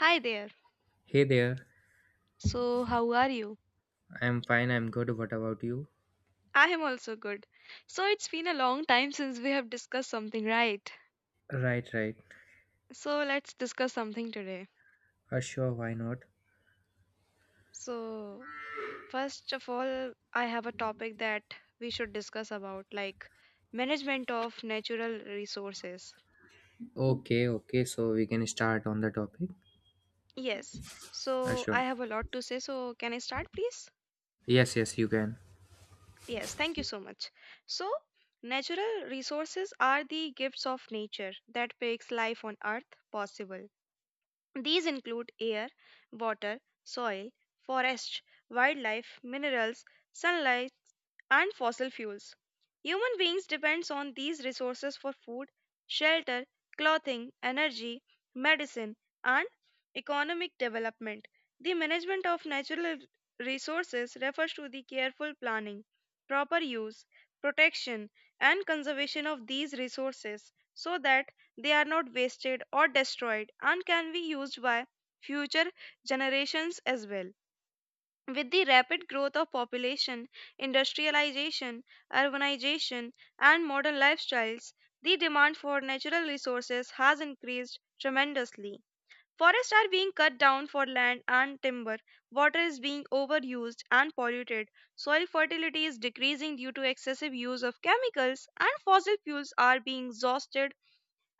Hi there. Hey there. So, how are you? I'm fine. I'm good. What about you? I am also good. So, it's been a long time since we have discussed something, right? Right, right. So, let's discuss something today. Sure, why not? So, first of all, I have a topic that we should discuss about, like management of natural resources. Okay, okay. So we can start on the topic. Yes. Uh, So, sure. I have a lot to say. So, can I start, please? Yes, yes, you can. Yes. Thank you so much. So, natural resources are the gifts of nature that makes life on earth possible. These include air, water, soil, forest, wildlife, minerals, sunlight, and fossil fuels. Human beings depends on these resources for food, shelter, clothing, energy, medicine, and economic development. The management of natural resources refers to the careful planning, proper use, protection, and conservation of these resources so that they are not wasted or destroyed and can be used by future generations as well. With the rapid growth of population, industrialization, urbanization, and modern lifestyles, the demand for natural resources has increased tremendously. Forests are being cut down for land and timber, water is being overused and polluted, soil fertility is decreasing due to excessive use of chemicals, and fossil fuels are being exhausted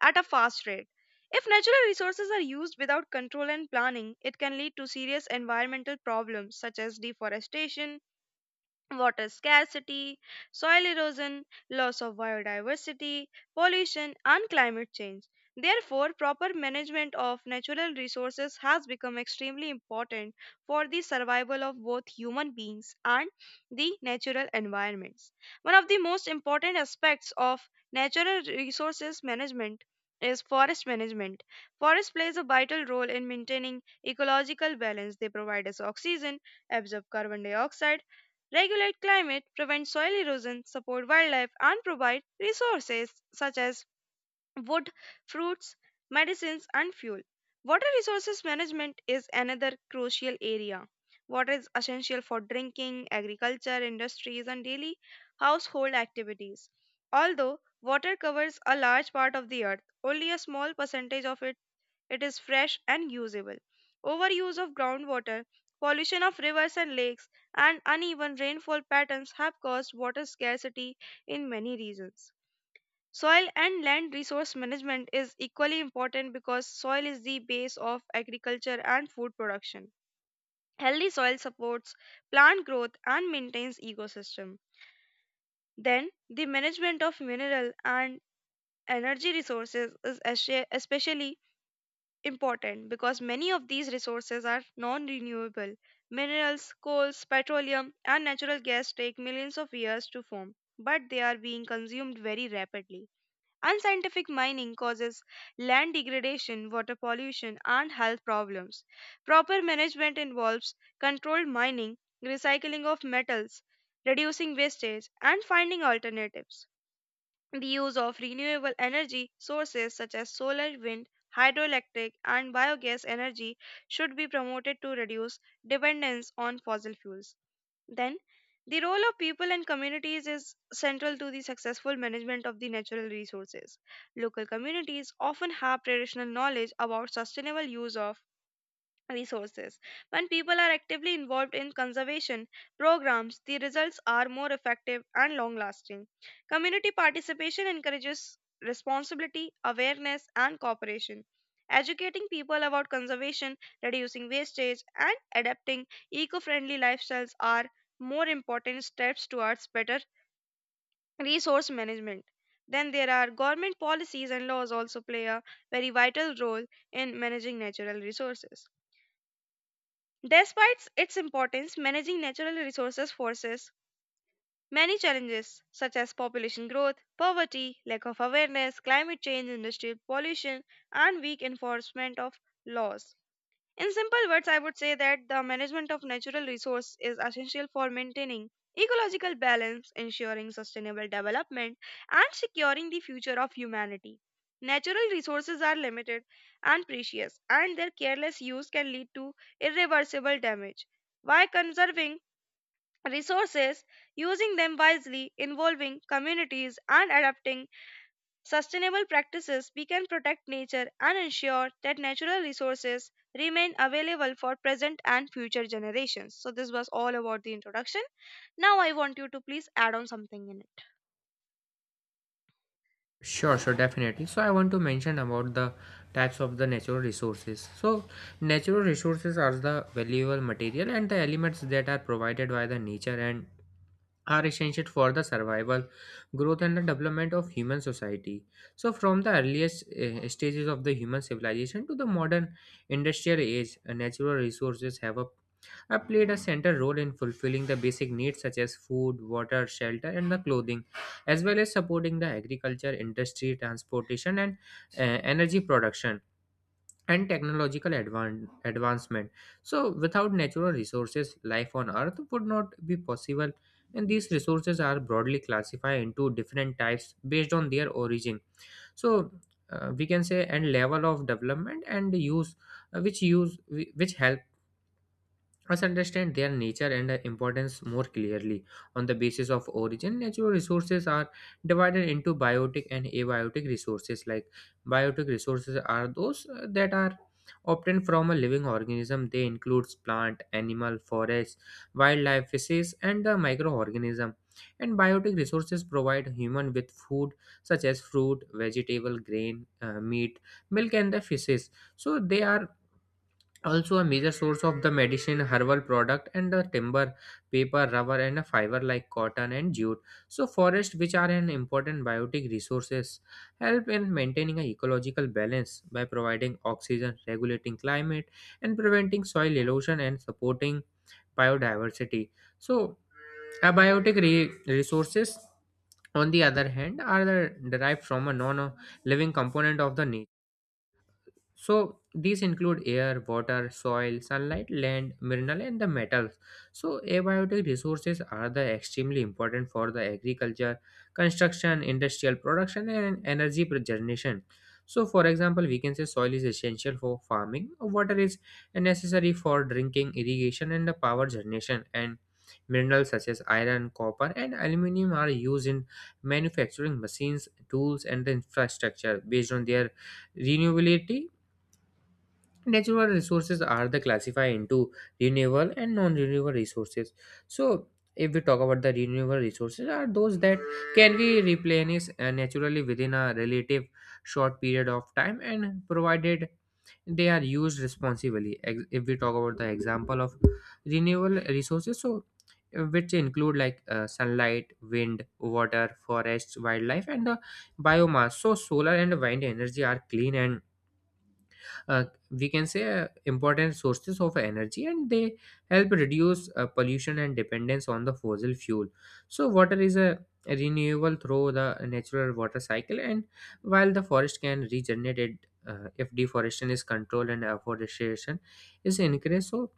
at a fast rate. If natural resources are used without control and planning, it can lead to serious environmental problems such as deforestation, water scarcity, soil erosion, loss of biodiversity, pollution, and climate change. Therefore, proper management of natural resources has become extremely important for the survival of both human beings and the natural environments. One of the most important aspects of natural resources management is forest management. Forest plays a vital role in maintaining ecological balance. They provide us oxygen, absorb carbon dioxide, regulate climate, prevent soil erosion, support wildlife, and provide resources such as wood, fruits, medicines, and fuel. Water resources management is another crucial area. Water is essential for drinking, agriculture, industries, and daily household activities. Although water covers a large part of the earth, only a small percentage of it is fresh and usable. Overuse of groundwater, pollution of rivers and lakes, and uneven rainfall patterns have caused water scarcity in many regions. Soil and land resource management is equally important because soil is the base of agriculture and food production. Healthy soil supports plant growth and maintains ecosystem. Then, the management of mineral and energy resources is especially important because many of these resources are non renewable. Minerals, coals, petroleum, and natural gas take millions of years to form, but they are being consumed very rapidly. Unscientific mining causes land degradation, water pollution, and health problems. Proper management involves controlled mining, recycling of metals, reducing wastage, and finding alternatives. The use of renewable energy sources such as solar, wind, hydroelectric, and biogas energy should be promoted to reduce dependence on fossil fuels. Then, the role of people and communities is central to the successful management of the natural resources. Local communities often have traditional knowledge about sustainable use of resources. When people are actively involved in conservation programs, the results are more effective and long lasting. Community participation encourages responsibility, awareness, and cooperation. Educating people about conservation, reducing wastage, and adapting eco friendly lifestyles are more important steps towards better resource management. Then there are government policies and laws also play a very vital role in managing natural resources. Despite its importance, managing natural resources forces many challenges such as population growth, poverty, lack of awareness, climate change, industrial pollution, and weak enforcement of laws. In simple words, I would say that the management of natural resource is essential for maintaining ecological balance, ensuring sustainable development, and securing the future of humanity. Natural resources are limited and precious, and their careless use can lead to irreversible damage. By conserving resources, using them wisely, involving communities, and adapting sustainable practices, we can protect nature and ensure that natural resources remain available for present and future generations. So this was all about the introduction. Now I want you to please add on something in it. Sure, sure, definitely. So I want to mention about the types of the natural resources. So natural resources are the valuable material and the elements that are provided by the nature and are essential for the survival, growth, and the development of human society. So, from the earliest stages of the human civilization to the modern industrial age, natural resources have played a central role in fulfilling the basic needs such as food, water, shelter, and the clothing, as well as supporting the agriculture, industry, transportation, and energy production and technological advancement. So, without natural resources, life on Earth would not be possible. And these resources are broadly classified into different types based on their origin. So, we can say and level of development and use, uh, which help us understand their nature and their importance more clearly. On the basis of origin, natural resources are divided into biotic and abiotic resources. Like biotic resources are those that are obtained from a living organism. They includes plant, animal, forest, wildlife, fishes, and the microorganism. And biotic resources provide human with food such as fruit, vegetable, grain, meat, milk, and the fishes. So they are also a major source of the medicine herbal product and the timber paper rubber and a fiber like cotton and jute. So forests, which are an important biotic resources, help in maintaining a ecological balance by providing oxygen, regulating climate, and preventing soil erosion, and supporting biodiversity. So abiotic re- resources on the other hand are the derived from a non living component of the nature. So these include air, water, soil, sunlight, land, mineral, and the metals. So abiotic resources are the extremely important for the agriculture, construction, industrial production, and energy generation. So, for example, we can say soil is essential for farming, water is necessary for drinking, irrigation, and the power generation, and minerals such as iron, copper, and aluminium are used in manufacturing machines, tools, and the infrastructure. Based on their renewability, natural resources are the classified into renewable and non-renewable resources. So if we talk about the renewable resources, are those that can be replenished naturally within a relative short period of time and provided they are used responsibly. If we talk about the example of renewable resources, so which include sunlight, wind, water, forests, wildlife, and the biomass. So solar and wind energy are clean and, uh, we can say, important sources of energy, and they help reduce pollution and dependence on the fossil fuel. So water is a renewable through the natural water cycle, and while the forest can regenerate it if deforestation is controlled and afforestation is increased. So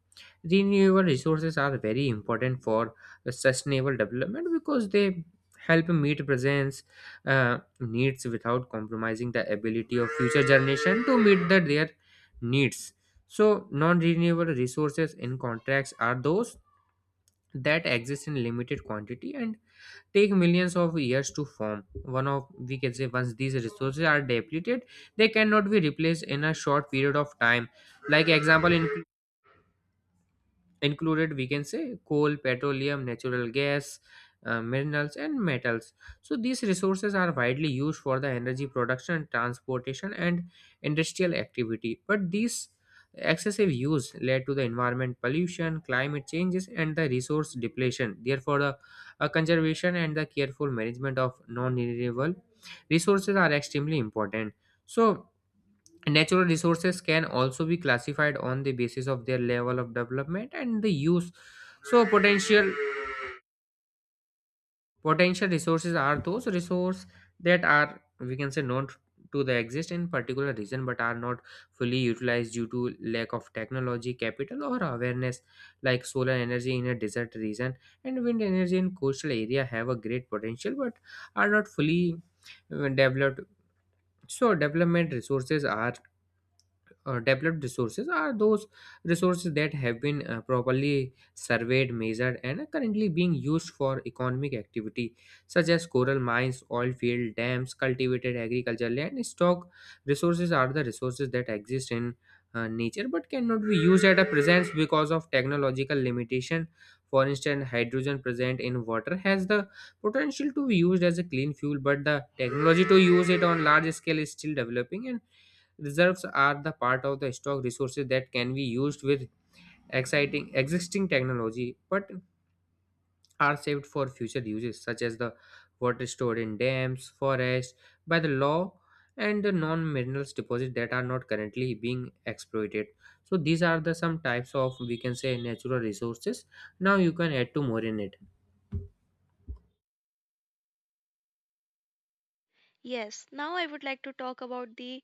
renewable resources are very important for the sustainable development because they help meet present needs without compromising the ability of future generation to meet their needs. So, non renewable resources in contracts are those that exist in limited quantity and take millions of years to form. One of, we can say, once these resources are depleted, they cannot be replaced in a short period of time. Like example in included, we can say, coal, petroleum, natural gas, minerals, and metals. So these resources are widely used for the energy production, transportation, and industrial activity, but these excessive use led to the environment pollution, climate changes, and the resource depletion. Therefore the conservation and the careful management of non renewable resources are extremely important. So natural resources can also be classified on the basis of their level of development and the use. So potential resources are those resources that are, we can say, not to the exist in particular region but are not fully utilized due to lack of technology, capital, or awareness. Like solar energy in a desert region and wind energy in coastal area have a great potential but are not fully developed. So development resources are, developed resources are those resources that have been properly surveyed, measured, and are currently being used for economic activity, such as coral mines, oil field, dams, cultivated agriculture land, stock. Resources are the resources that exist in nature but cannot be used at a presence because of technological limitation. For instance, hydrogen present in water has the potential to be used as a clean fuel, but the technology to use it on large scale is still developing. And reserves are the part of the stock resources that can be used with exciting existing technology but are saved for future uses, such as the water stored in dams, forests by the law, and the non-minerals deposits that are not currently being exploited. So these are the some types of, we can say, natural resources. Now you can add to more in it. Yes, now I would like to talk about the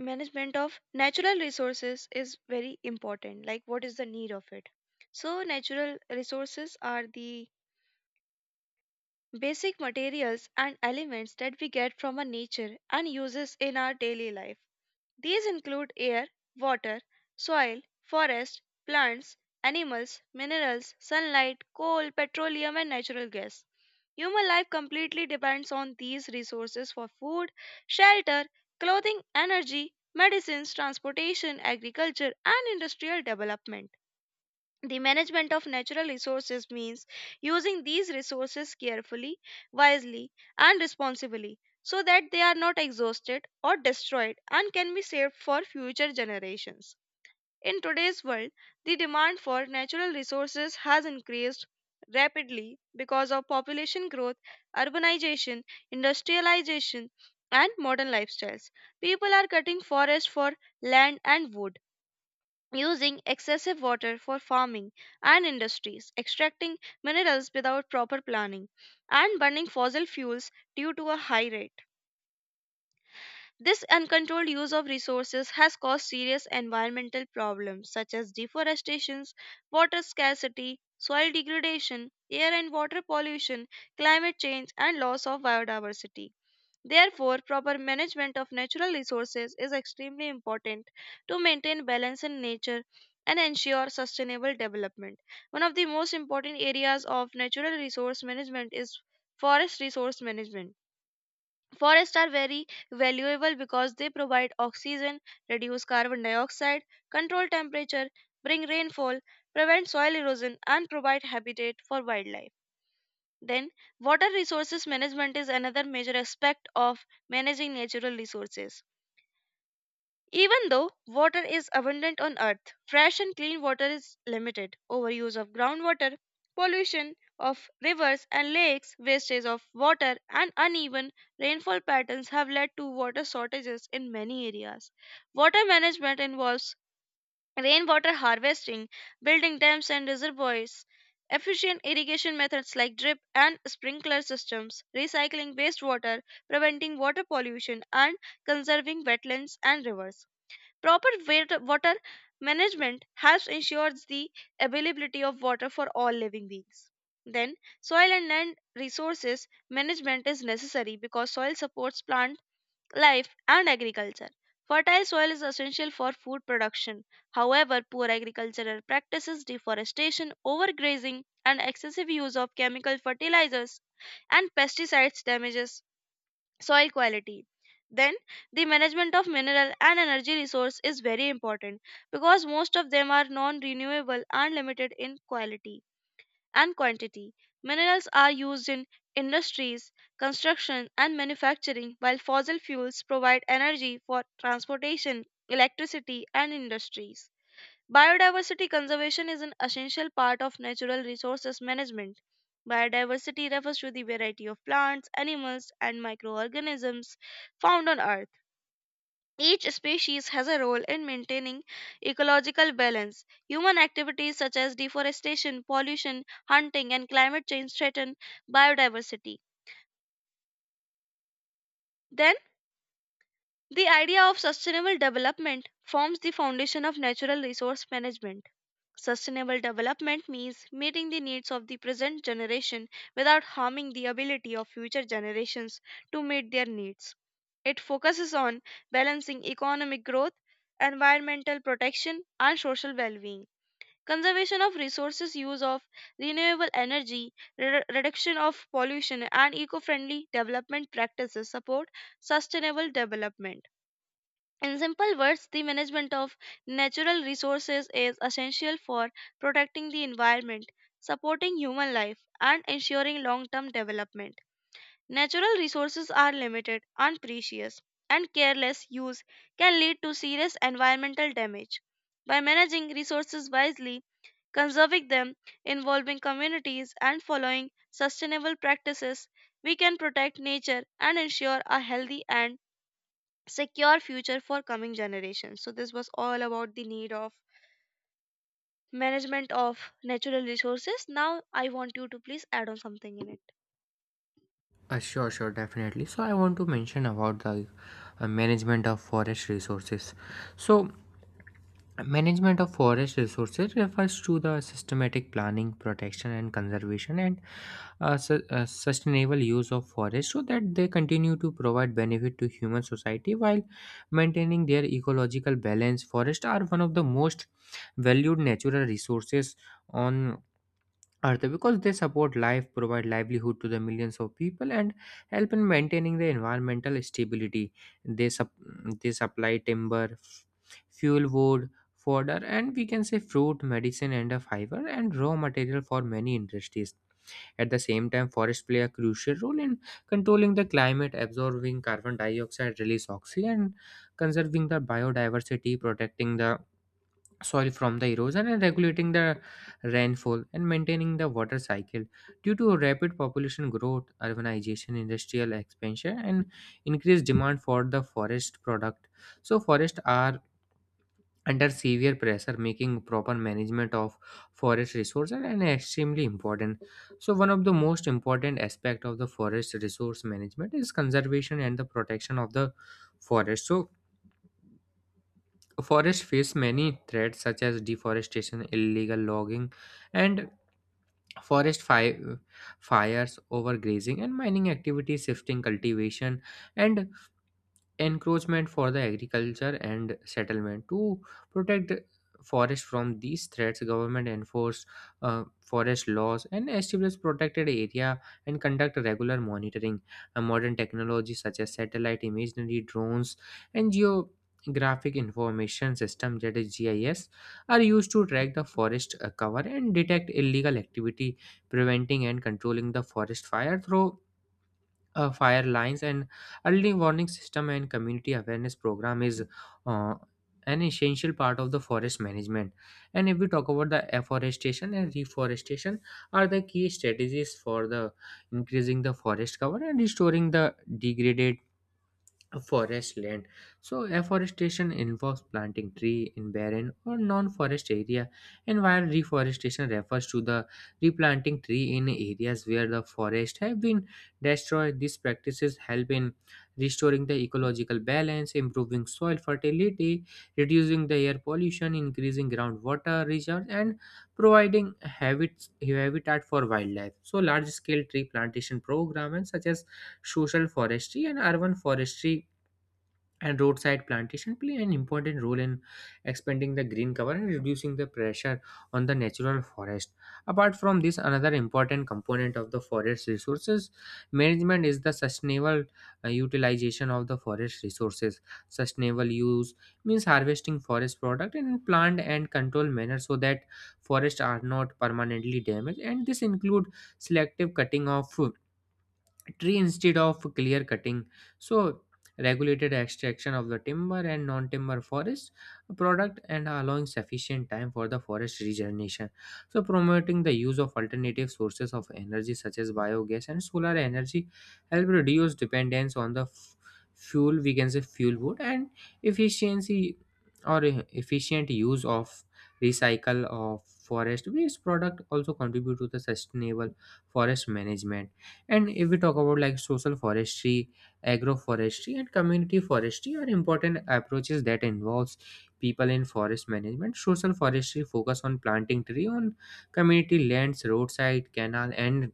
management of natural resources is very important. Like, what is the need of it? So, natural resources are the basic materials and elements that we get from our nature and uses in our daily life. These include air, water, soil, forest, plants, animals, minerals, sunlight, coal, petroleum, and natural gas. Human life completely depends on these resources for food, shelter, clothing, energy, medicines, transportation, agriculture, and industrial development. The management of natural resources means using these resources carefully, wisely, and responsibly so that they are not exhausted or destroyed and can be saved for future generations. In today's world, the demand for natural resources has increased rapidly because of population growth, urbanization, industrialization, and modern lifestyles. People are cutting forests for land and wood, using excessive water for farming and industries, extracting minerals without proper planning, and burning fossil fuels due to a high rate. This uncontrolled use of resources has caused serious environmental problems such as deforestation, water scarcity, soil degradation, air and water pollution, climate change, and loss of biodiversity. Therefore, proper management of natural resources is extremely important to maintain balance in nature and ensure sustainable development. One of the most important areas of natural resource management is forest resource management. Forests are very valuable because they provide oxygen, reduce carbon dioxide, control temperature, bring rainfall, prevent soil erosion, and provide habitat for wildlife. Then, water resources management is another major aspect of managing natural resources. Even though water is abundant on Earth, fresh and clean water is limited. Overuse of groundwater, pollution of rivers and lakes, wastage of water, and uneven rainfall patterns have led to water shortages in many areas. Water management involves rainwater harvesting, building dams and reservoirs, efficient irrigation methods like drip and sprinkler systems, recycling wastewater, preventing water pollution, and conserving wetlands and rivers. Proper water management helps ensures the availability of water for all living beings. Then, soil and land resources management is necessary because soil supports plant life, and agriculture. Fertile soil is essential for food production. However, poor agricultural practices, deforestation, overgrazing, and excessive use of chemical fertilizers and pesticides damages soil quality. Then, the management of mineral and energy resource is very important because most of them are non-renewable and limited in quality and quantity. Minerals are used in industries, construction, and manufacturing, while fossil fuels provide energy for transportation, electricity, and industries. Biodiversity conservation is an essential part of natural resources management. Biodiversity refers to the variety of plants, animals, and microorganisms found on Earth. Each species has a role in maintaining ecological balance. Human activities such as deforestation, pollution, hunting, and climate change threaten biodiversity. Then, the idea of sustainable development forms the foundation of natural resource management. Sustainable development means meeting the needs of the present generation without harming the ability of future generations to meet their needs. It focuses on balancing economic growth, environmental protection, and social well being. Conservation of resources, use of renewable energy, reduction of pollution, and eco friendly development practices support sustainable development. In simple words, the management of natural resources is essential for protecting the environment, supporting human life, and ensuring long term development. Natural resources are limited and precious, and careless use can lead to serious environmental damage. By managing resources wisely, conserving them, involving communities, and following sustainable practices, we can protect nature and ensure a healthy and secure future for coming generations. So this was all about the need of management of natural resources. Now I want you to please add on something in it. Sure, sure, definitely. So I want to mention about the management of forest resources. So management of forest resources refers to the systematic planning, protection, and conservation and sustainable use of forests so that they continue to provide benefit to human society while maintaining their ecological balance. Forests are one of the most valued natural resources on are they because they support life, provide livelihood to the millions of people, and help in maintaining the environmental stability. they sup- they supply timber, fuel wood, fodder, and, we can say, fruit, medicine, and a fiber, and raw material for many industries. At the same time, forests play a crucial role in controlling the climate, absorbing carbon dioxide, release oxygen, and conserving the biodiversity, protecting the soil from the erosion, and regulating the rainfall and maintaining the water cycle. Due to rapid population growth, urbanization, industrial expansion, and increased demand for the forest product, so forests are under severe pressure, making proper management of forest resources and extremely important. So one of the most important aspect of the forest resource management is conservation and the protection of the forest. So forests face many threats such as deforestation, illegal logging, and forest fi- fires, overgrazing, and mining activities, shifting cultivation, and encroachment for the agriculture and settlement. To protect forest from these threats, government enforce forest laws and establish protected area and conduct regular monitoring. Modern technologies such as satellite imagery, drones, and geographic information system, that is GIS, are used to track the forest cover and detect illegal activity. Preventing and controlling the forest fire through fire lines and early warning system and community awareness program is uh, an essential part of the forest management. And if we talk about the afforestation and reforestation, are the key strategies for the increasing the forest cover and restoring the degraded forest land. So afforestation involves planting tree in barren or non-forest area, and while reforestation refers to the replanting tree in areas where the forest have been destroyed. These practices help in restoring the ecological balance, improving soil fertility, reducing the air pollution, increasing groundwater reserves, and providing habits habitat for wildlife. So large scale tree plantation programmes such as social forestry and urban forestry and roadside plantation play an important role in expanding the green cover and reducing the pressure on the natural forest. Apart from this, another important component of the forest resources management is the sustainable utilization of the forest resources. Sustainable use means harvesting forest product in planned and controlled manner so that forests are not permanently damaged, and this include selective cutting of tree instead of clear cutting. So regulated extraction of the timber and non-timber forest product and allowing sufficient time for the forest regeneration. So promoting the use of alternative sources of energy such as biogas and solar energy help reduce dependence on the fuel, we can say, fuel wood. And efficiency, or efficient use of, recycle of forest waste product also contribute to the sustainable forest management. And if we talk about, like, social forestry, agroforestry, and community forestry are important approaches that involves people in forest management. Social forestry focus on planting tree on community lands, roadside, canal, and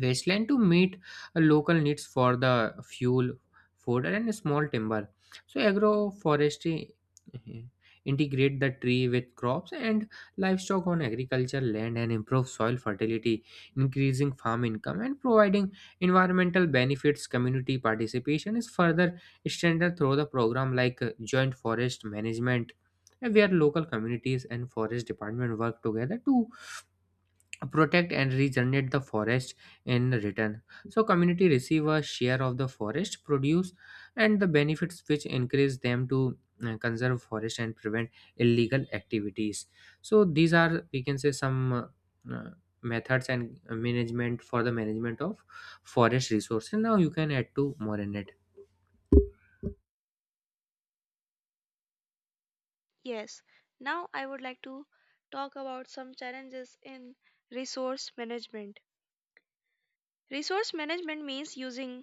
wasteland to meet local needs for the fuel, food, and small timber. So agroforestry uh, integrate the tree with crops and livestock on agriculture land and improve soil fertility, increasing farm income and providing environmental benefits. Community participation is further strengthened through the program like joint forest management, where local communities and forest department work together to protect and regenerate the forest. In return, so community receive a share of the forest produce and the benefits, which encourage them to conserve forest and prevent illegal activities. So these are, we can say, some methods and management for the management of forest resources. Now you can add to more in it. Yes, now I would like to talk about some challenges in resource management. Resource management means using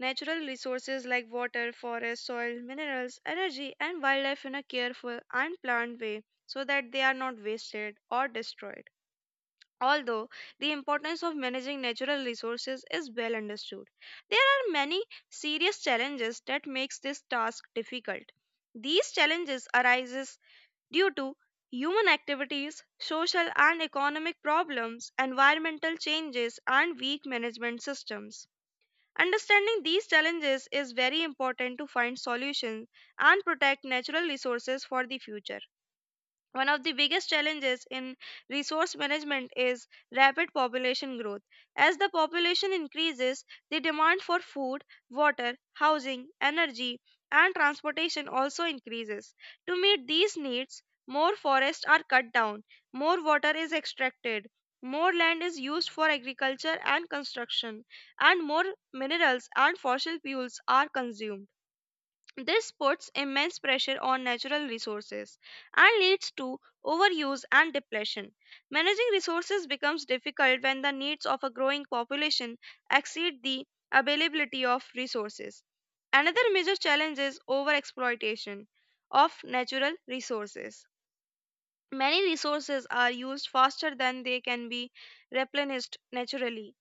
natural resources like water, forest, soil, minerals, energy, and wildlife in a careful and planned way so that they are not wasted or destroyed. Although the importance of managing natural resources is well understood, there are many serious challenges that makes this task difficult. These challenges arises due to human activities, social and economic problems, environmental changes, and weak management systems. Understanding these challenges is very important to find solutions and protect natural resources for the future. One of the biggest challenges in resource management is rapid population growth. As the population increases, the demand for food, water, housing, energy, and transportation also increases. To meet these needs, more forests are cut down, more water is extracted, more land is used for agriculture and construction, and more minerals and fossil fuels are consumed. This puts immense pressure on natural resources and leads to overuse and depletion. Managing resources becomes difficult when the needs of a growing population exceed the availability of resources. Another major challenge is overexploitation of natural resources. Many resources are used faster than they can be replenished naturally.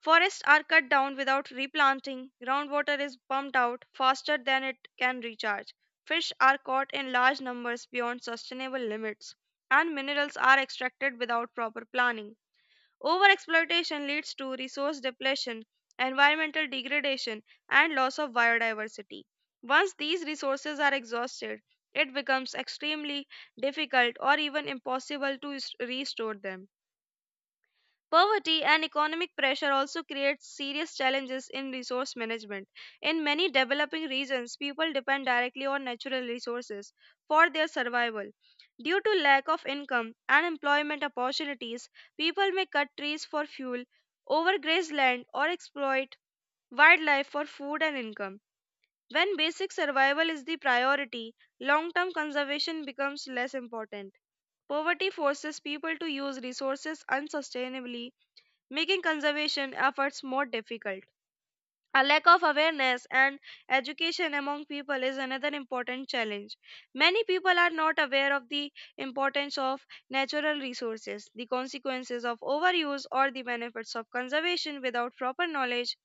Forests are cut down without replanting, groundwater is pumped out faster than it can recharge, fish are caught in large numbers beyond sustainable limits, and minerals are extracted without proper planning. Overexploitation leads to resource depletion, environmental degradation, and loss of biodiversity. Once these resources are exhausted, it becomes extremely difficult or even impossible to restore them. Poverty and economic pressure also create serious challenges in resource management. In many developing regions, people depend directly on natural resources for their survival. Due to lack of income and employment opportunities, people may cut trees for fuel, overgraze land, or exploit wildlife for food and income. When basic survival is the priority, long term conservation becomes less important. Poverty forces people to use resources unsustainably, making conservation efforts more difficult. A lack of awareness and education among people is another important challenge. Many people are not aware of the importance of natural resources, the consequences of overuse, or the benefits of conservation. Without proper knowledge,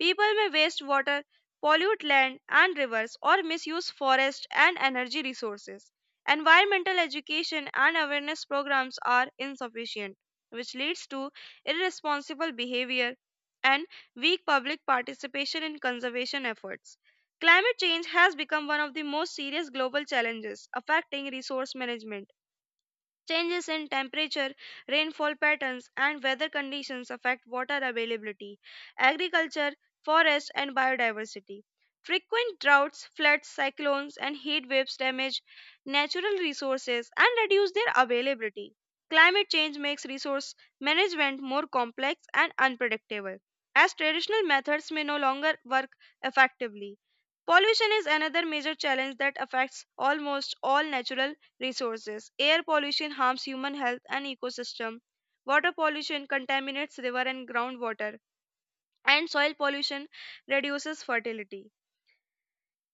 people may waste water, pollute land and rivers, or misuse forest and energy resources. Environmental education and awareness programs are insufficient, which leads to irresponsible behavior and weak public participation in conservation efforts. Climate change has become one of the most serious global challenges affecting resource management. Changes in temperature, rainfall patterns, and weather conditions affect water availability, agriculture, forest, and biodiversity. Frequent droughts, floods, cyclones, and heat waves damage natural resources and reduce their availability. Climate change makes resource management more complex and unpredictable, as traditional methods may no longer work effectively. Pollution is another major challenge that affects almost all natural resources. Air pollution harms human health and ecosystem. Water pollution contaminates river and groundwater. And soil pollution reduces fertility.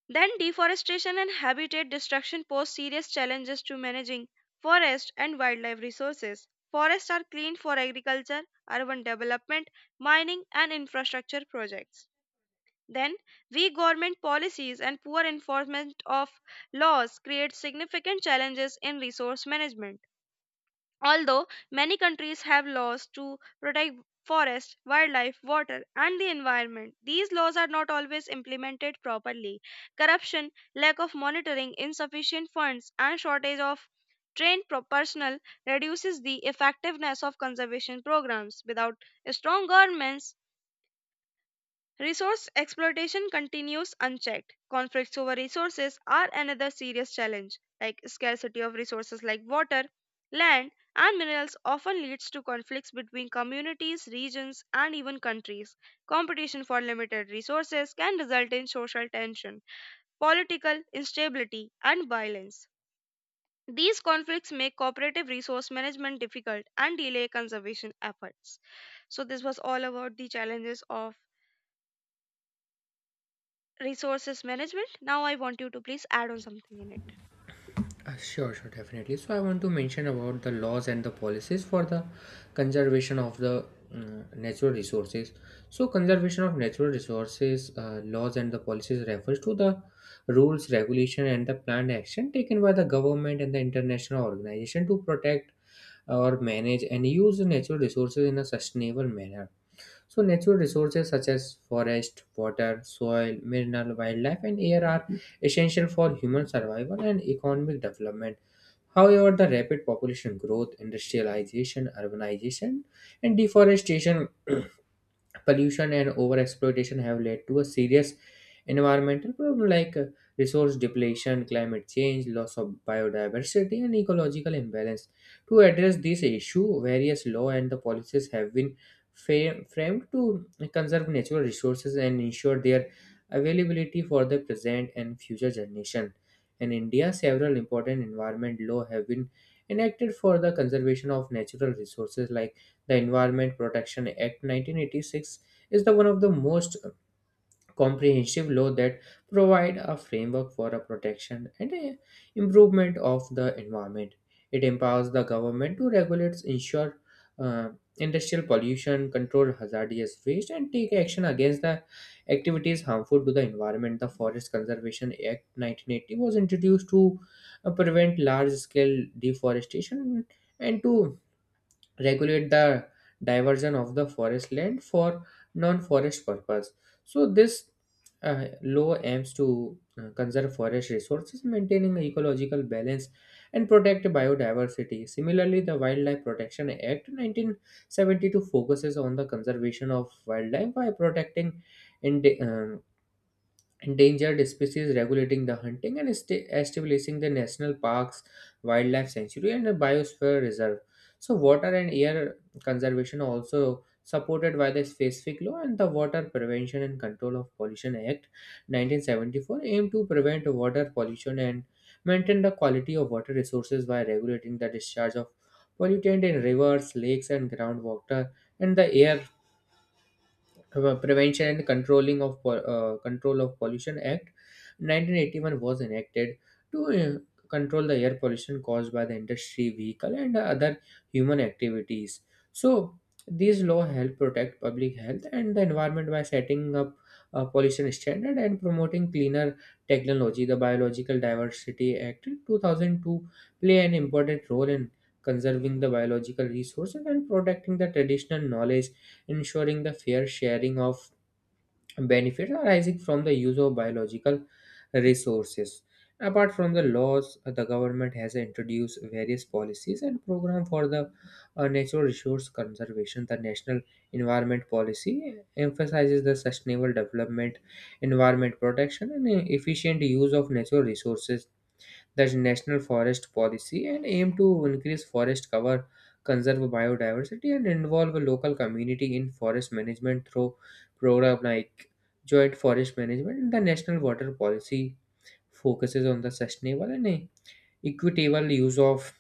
Then, deforestation and habitat destruction pose serious challenges to managing forest and wildlife resources. Forests are cleaned for agriculture, urban development, mining, and infrastructure projects. Then, weak government policies and poor enforcement of laws create significant challenges in resource management. Although many countries have laws to protect forest, wildlife, water, and the environment, these laws are not always implemented properly. Corruption, lack of monitoring, insufficient funds, and shortage of trained personnel reduces the effectiveness of conservation programs. Without strong governments, resource exploitation continues unchecked. Conflicts over resources are another serious challenge, like scarcity of resources like water, land, and minerals often leads to conflicts between communities, regions, and even countries. Competition for limited resources can result in social tension, political instability, and violence. These conflicts make cooperative resource management difficult and delay conservation efforts. So, this was all about the challenges of resources management. Now I want you to please add on something in it. Sure, sure, definitely. So I want to mention about the laws and the policies for the conservation of the natural resources. So conservation of natural resources, laws and the policies, refers to the rules, regulation, and the planned action taken by the government and the international organization to protect or manage and use the natural resources in a sustainable manner. So natural resources such as forest, water, soil, mineral, wildlife, and air are essential for human survival and economic development. However, the rapid population growth, industrialization, urbanization, and deforestation pollution and overexploitation have led to a serious environmental problem like resource depletion, climate change, loss of biodiversity, and ecological imbalance. To address this issue, various law and the policies have been framed to conserve natural resources and ensure their availability for the present and future generation. In India, several important environment law have been enacted for the conservation of natural resources like the Environment Protection Act 1986 is the one of the most comprehensive law that provide a framework for a protection and a improvement of the environment. It empowers the government to regulate, ensure uh, industrial pollution, control hazardous waste, and take action against the activities harmful to the environment. The Forest Conservation Act 1980 was introduced to prevent large-scale deforestation and to regulate the diversion of the forest land for non-forest purpose. So this law aims to conserve forest resources, maintaining ecological balance, and protect biodiversity. Similarly, the Wildlife Protection Act 1972 focuses on the conservation of wildlife by protecting ind- endangered species, regulating the hunting, and establishing the national parks, wildlife sanctuary, and a biosphere reserve. So water and air conservation also supported by the specific law, and the Water Prevention and Control of Pollution Act 1974 aim to prevent water pollution and maintain the quality of water resources by regulating the discharge of pollutant in rivers, lakes, and groundwater. And the air, Prevention and Control of Pollution Act, 1981 was enacted to control the air pollution caused by the industry, vehicle, and other human activities. So these law help protect public health and the environment by setting up a pollution standard and promoting cleaner technology. The Biological Diversity Act 2002 play an important role in conserving the biological resources and protecting the traditional knowledge, ensuring the fair sharing of benefits arising from the use of biological resources. Apart from the laws, the government has introduced various policies and programs for the natural resource conservation. The National Environment Policy emphasizes the sustainable development, environment protection, and efficient use of natural resources. The national forest policy and aim to increase forest cover, conserve biodiversity, and involve local community in forest management through program like joint forest management. And the national water policy focuses on the sustainable and equitable use of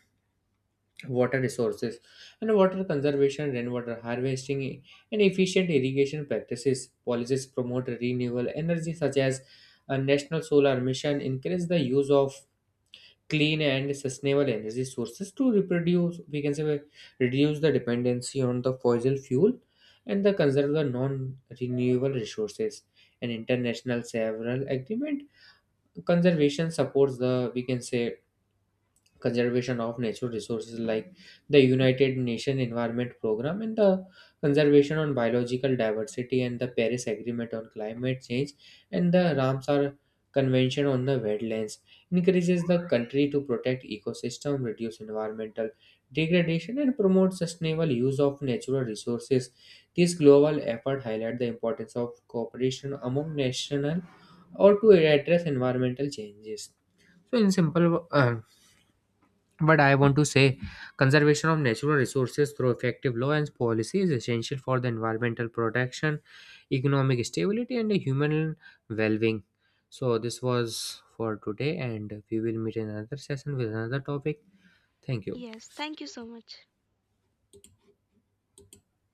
water resources and water conservation, rainwater harvesting, and efficient irrigation practices. Policies promote renewable energy such as a national solar mission, increase the use of clean and sustainable energy sources to reproduce, we can say, we reduce the dependency on the fossil fuel and the conserve the non-renewable resources. An international several agreement conservation supports the, we can say, conservation of natural resources like the United Nations Environment Program and the Conservation on Biological Diversity and the Paris Agreement on Climate Change and the Ramsar Convention on the Wetlands encourages the country to protect ecosystem, reduce environmental degradation, and promote sustainable use of natural resources. This global effort highlights the importance of cooperation among national or to address environmental changes. So in simple, but I want to say, conservation of natural resources through effective law and policy is essential for the environmental protection, economic stability, and the human well being. So this was for today, and we will meet in another session with another topic. Thank you. Yes, thank you so much.